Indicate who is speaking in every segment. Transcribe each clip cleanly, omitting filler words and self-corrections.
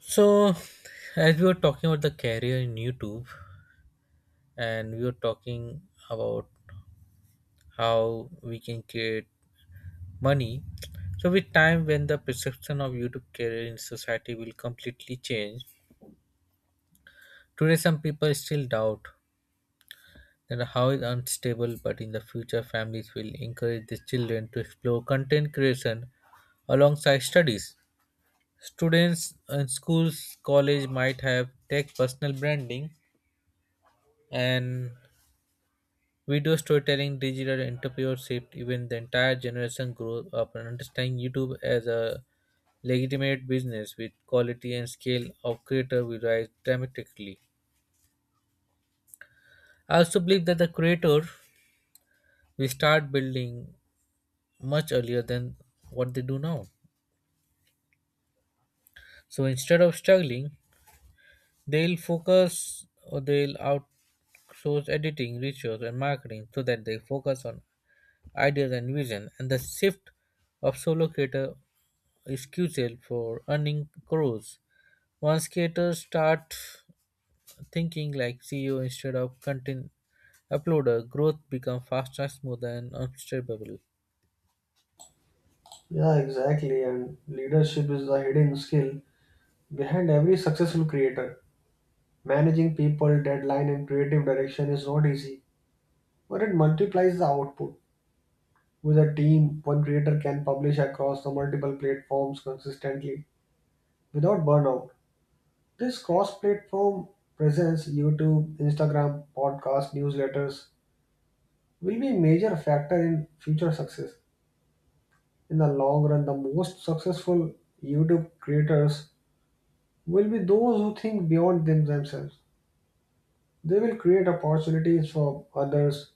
Speaker 1: So, as we were talking about the career in YouTube, and we were talking about how we can create money. So, with time, when the perception of YouTube career in society will completely change, today some people still doubt that how is unstable. But in the future, families will encourage their children to explore content creation alongside studies. Students in schools, college might have tech personal branding and video storytelling, digital entrepreneurship, even the entire generation grew up and understanding YouTube as a legitimate business with quality and scale of creator will rise dramatically. I also believe that the creator will start building much earlier than what they do now. So instead of struggling, they'll focus or they'll outsource editing, research, and marketing so that they focus on ideas and vision. And the shift of solo creator excusal for earning crores. Once creators start thinking like CEO instead of content uploader, growth become faster, smoother, and unstoppable.
Speaker 2: Yeah, exactly. And leadership is the hidden skill behind every successful creator. Managing people, deadline, and creative direction is not easy, but it multiplies the output. With a team, one creator can publish across the multiple platforms consistently without burnout. This cross platform presence, YouTube, Instagram, podcast, newsletters, will be a major factor in future success. In the long run, the most successful YouTube creators will be those who think beyond themselves. They will create opportunities for others,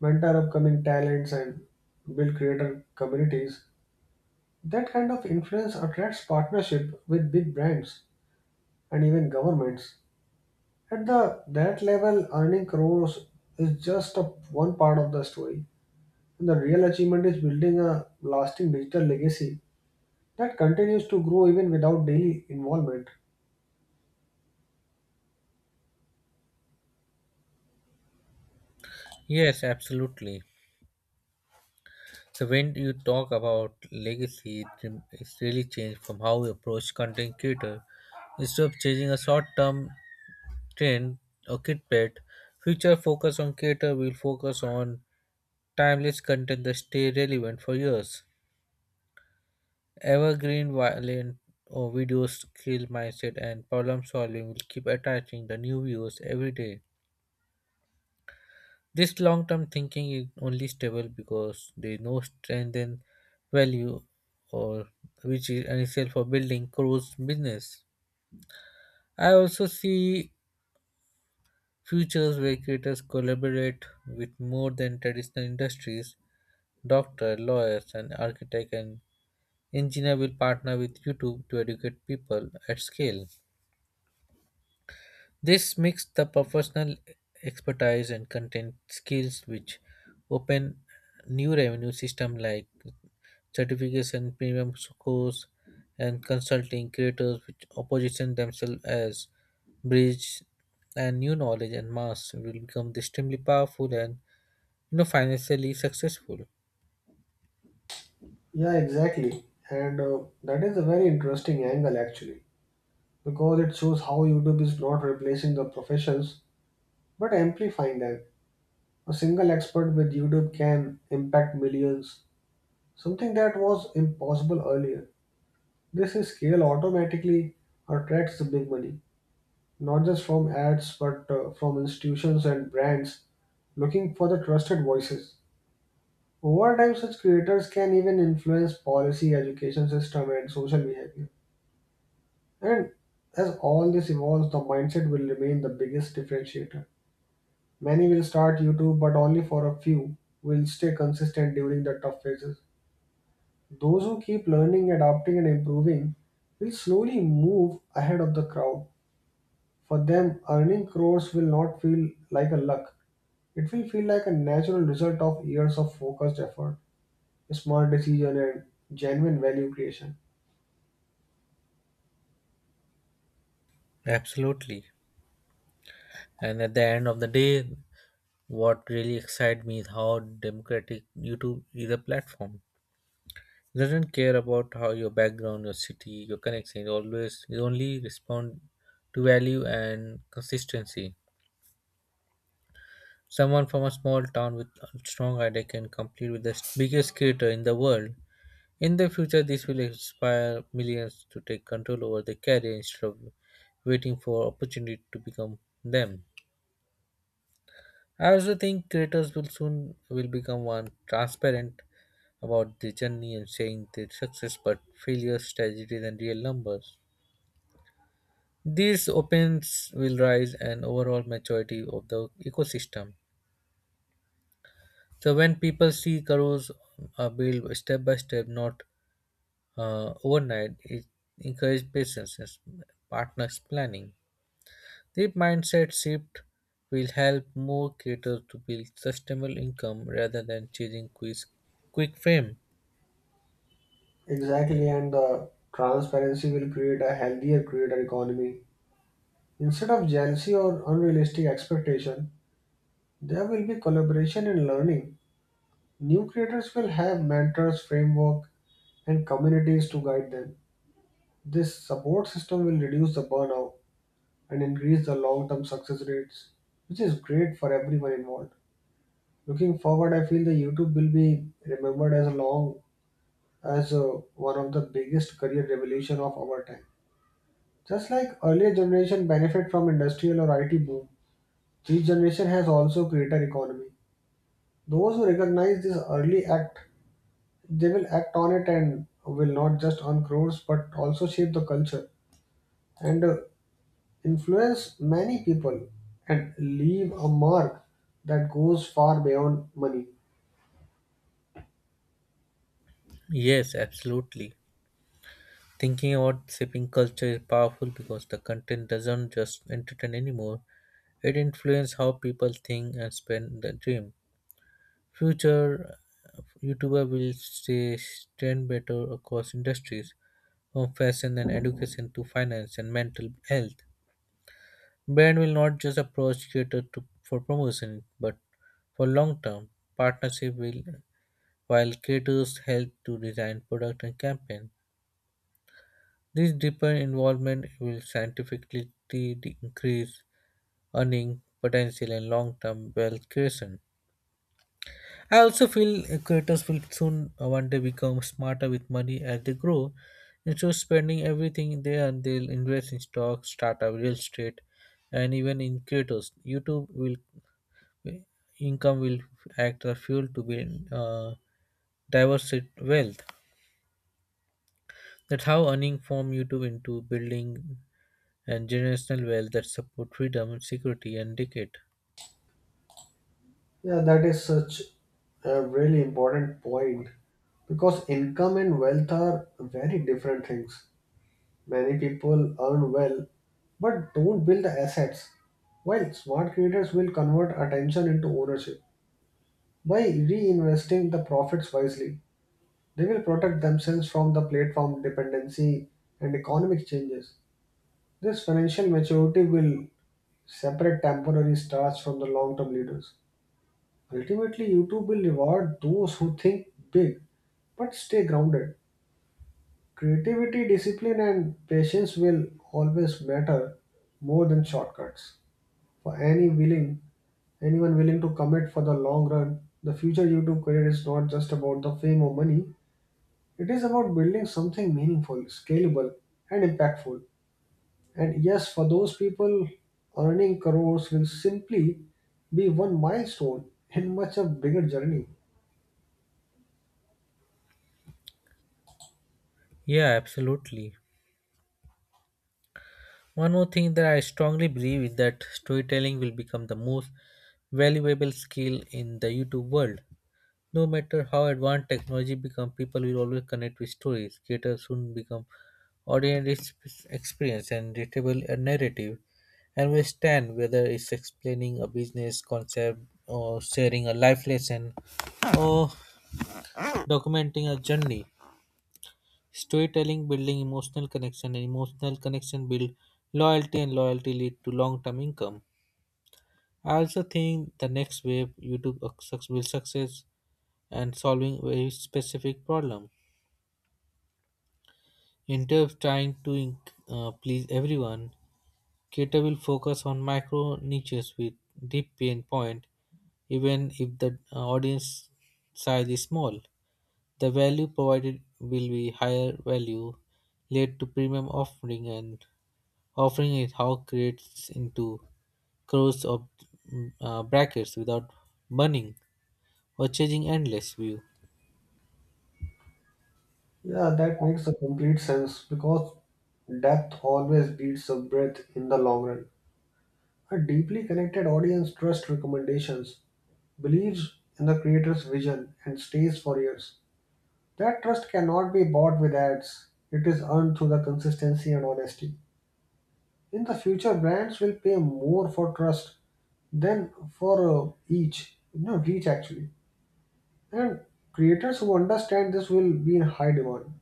Speaker 2: mentor upcoming talents, and build creator communities. That kind of influence attracts partnership with big brands and even governments. At the that level, earning crores is just one part of the story. And the real achievement is building a lasting digital legacy that continues to grow even without daily involvement.
Speaker 1: Yes, absolutely. So when you talk about legacy, it's really changed from how we approach content creator. Instead of chasing a short-term trend or clickbait, future focus on creator will focus on timeless content that stay relevant for years. Evergreen, violent or video skill mindset and problem solving will keep attracting the new viewers every day. This long term thinking is only stable because they know strength and value or which is essential for building crores business. I also see futures where creators collaborate with more than traditional industries. Doctor, lawyers and architect and engineer will partner with YouTube to educate people at scale. This mixed the professional expertise and content skills which open new revenue system like certification, premium course and consulting creators which position themselves as bridge and new knowledge and mass will become extremely powerful and financially successful.
Speaker 2: Yeah, exactly. And that is a very interesting angle, actually, because it shows how YouTube is not replacing the professions but amplifying them. A single expert with YouTube can impact millions, something that was impossible earlier. This is scale automatically attracts the big money, not just from ads but from institutions and brands looking for the trusted voices. Over time, such creators can even influence policy, education system, and social behavior. And as all this evolves, the mindset will remain the biggest differentiator. Many will start YouTube, but only for a few will stay consistent during the tough phases. Those who keep learning, adapting, and improving will slowly move ahead of the crowd. For them, earning crores will not feel like a luck. It will feel like a natural result of years of focused effort, smart decision, and genuine value creation.
Speaker 1: Absolutely. And at the end of the day, what really excites me is how democratic YouTube is a platform does not care about how your background, your city, your connection. They only respond to value and consistency. Someone from a small town with a strong idea can compete with the biggest creator in the world. In the future, this will inspire millions to take control over their career instead of waiting for opportunity to become them. I also think creators will soon will become one transparent about the journey and saying their success, but failures, tragedies, and real numbers. These opens will rise and overall maturity of the ecosystem. So when people see cows are built step by step, not overnight, it encourages patience, and partners planning. This mindset shift will help more creators to build sustainable income rather than chasing quick fame.
Speaker 2: Exactly, and the transparency will create a healthier creator economy. Instead of jealousy or unrealistic expectation, there will be collaboration and learning. New creators will have mentors, framework, and communities to guide them. This support system will reduce the burnout and increase the long term success rates, which is great for everyone involved. Looking forward, I feel the YouTube will be remembered as long as one of the biggest career revolution of our time. Just like earlier generation benefit from industrial or IT boom, this generation has also creator economy. Those who recognize this early act they will act on it and will not just earn crores but also shape the culture and influence many people and leave a mark that goes far beyond money.
Speaker 1: Yes, absolutely. Thinking about shaping culture is powerful because the content doesn't just entertain anymore. It influences how people think and spend their dream. Future YouTuber will stay stand better across industries, from fashion and education to finance and mental health. Brand will not just approach creator to, for promotion, but for long-term partnership will while creators help to design product and campaign. This deeper involvement will scientifically increase earning potential and long-term wealth creation. I also feel creators will soon one day become smarter with money as they grow. Instead of spending everything they earn, they'll invest in stocks, startup, real estate, and even in creators. YouTube will uh, income will act as fuel to build diverse wealth. That's how earning from YouTube into building and generational wealth that support freedom, security, and decade.
Speaker 2: Yeah, that is such a really important point because income and wealth are very different things. Many people earn well but don't build the assets while smart creators will convert attention into ownership by reinvesting the profits wisely. They will protect themselves from the platform dependency and economic changes. This financial maturity will separate temporary stars from the long term leaders. Ultimately, YouTube will reward those who think big but stay grounded. Creativity, discipline, and patience will always matter more than shortcuts. For any willing, anyone willing to commit for the long run, the future YouTube career is not just about the fame or money. It is about building something meaningful, scalable, and impactful. And yes, for those people, earning crores will simply be one milestone in much a bigger journey.
Speaker 1: Yeah, absolutely. One more thing that I strongly believe is that storytelling will become the most valuable skill in the YouTube world. No matter how advanced technology becomes, people will always connect with stories. Creators soon become audience experience and relatable a narrative and will stand whether it's explaining a business concept or sharing a life lesson or documenting a journey. Storytelling building emotional connection and emotional connection build loyalty and loyalty lead to long-term income. I also think the next wave will success and solving very specific problem. Instead of trying to please everyone, Cater will focus on micro niches with deep pain point, even if the audience size is small. The value provided will be higher value, led to premium offering, and offering is how creates into crores of brackets without burning or changing endless view.
Speaker 2: Yeah, that makes a complete sense because depth always beats the breadth in the long run. A deeply connected audience trusts recommendations, believes in the creator's vision, and stays for years. That trust cannot be bought with ads, it is earned through the consistency and honesty. In the future brands will pay more for trust than for each reach, actually, and creators who understand this will be in high demand.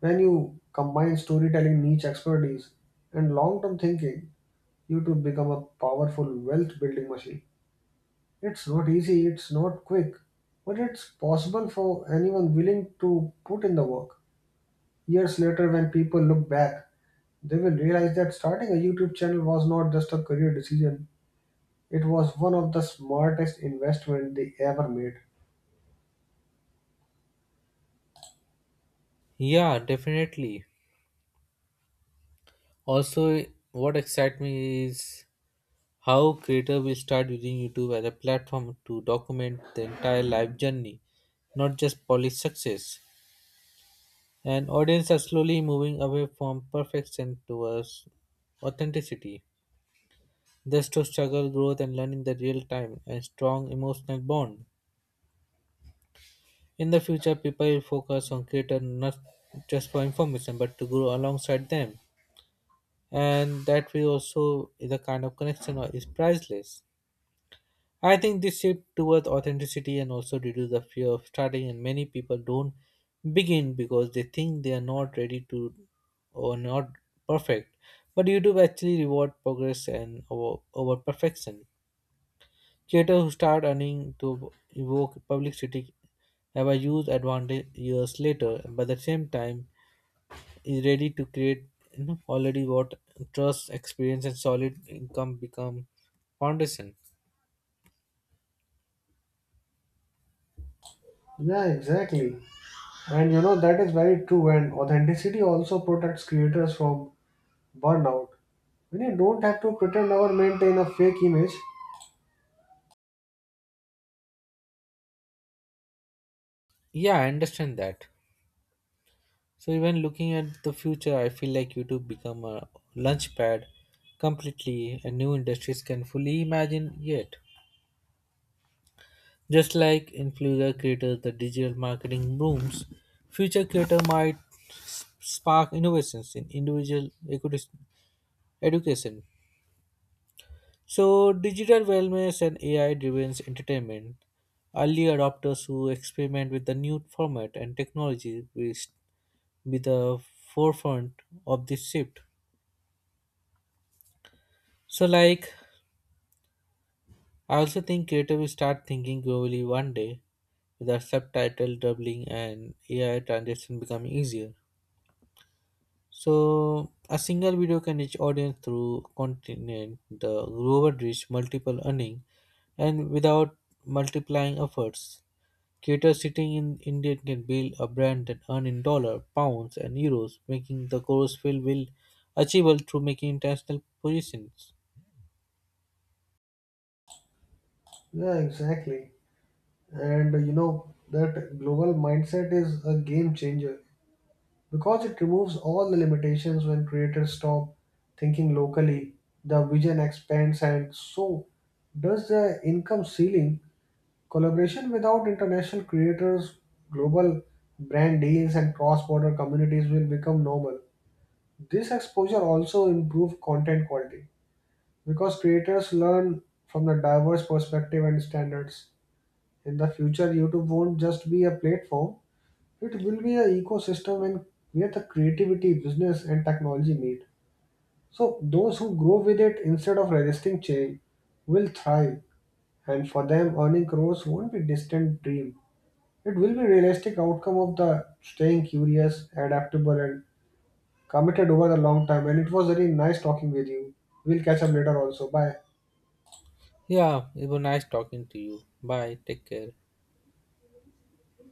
Speaker 2: When you combine storytelling niche expertise and long-term thinking, you to become a powerful wealth building machine. It's not easy, it's not quick, but it's possible for anyone willing to put in the work. Years later when people look back, they will realize that starting a YouTube channel was not just a career decision. It was one of the smartest investment they ever made.
Speaker 1: Yeah, definitely. Also, what excites me is how creators will start using YouTube as a platform to document the entire life journey, not just polished success. And audience are slowly moving away from perfection towards authenticity, thus to struggle, growth, and learning the real time and strong emotional bond. In the future, people will focus on creators not just for information but to grow alongside them, and that way also is a kind of connection or is priceless. I think this shift towards authenticity and also reduce the fear of starting and many people don't begin because they think they are not ready to or not perfect. But YouTube actually reward progress and over perfection. Creators who start earning to evoke publicity have a huge advantage years later, but at the same time is ready to create already what trust, experience and solid income become foundation.
Speaker 2: Yeah, exactly. And you know that is very true and authenticity also protects creators from burnout. When you don't have to pretend or maintain a fake image.
Speaker 1: Yeah, I understand that. So even looking at the future, I feel like YouTube become a launchpad completely and new industries can fully imagine yet. Just like influencer creators, the digital marketing booms, future creator might spark innovations in education. So digital wellness and AI-driven entertainment, early adopters who experiment with the new format and technology will be the forefront of this shift. So, like I also think creative will start thinking globally one day with our subtitle doubling and AI translation becoming easier. So a single video can reach audience through continent, the global reach, multiple earning, and without multiplying efforts. Creators sitting in India can build a brand and earn in dollar, pounds, and euros, making the goals feel will achievable through making international positions.
Speaker 2: Yeah, exactly. And you know that global mindset is a game changer because it removes all the limitations when creators stop thinking locally. The vision expands and so does the income ceiling. Collaboration without international creators, global brand deals, and cross border communities will become normal. This exposure also improves content quality because creators learn from the diverse perspective and standards. In the future, YouTube won't just be a platform, it will be an ecosystem and where the creativity, business, and technology meet. So, those who grow with it instead of resisting change will thrive, and for them, earning crores won't be distant dream. It will be realistic outcome of the staying curious, adaptable and committed over the long time. And it was very nice talking with you. We'll catch up later also. Bye.
Speaker 1: Yeah, it was nice talking to you. Bye. Take care.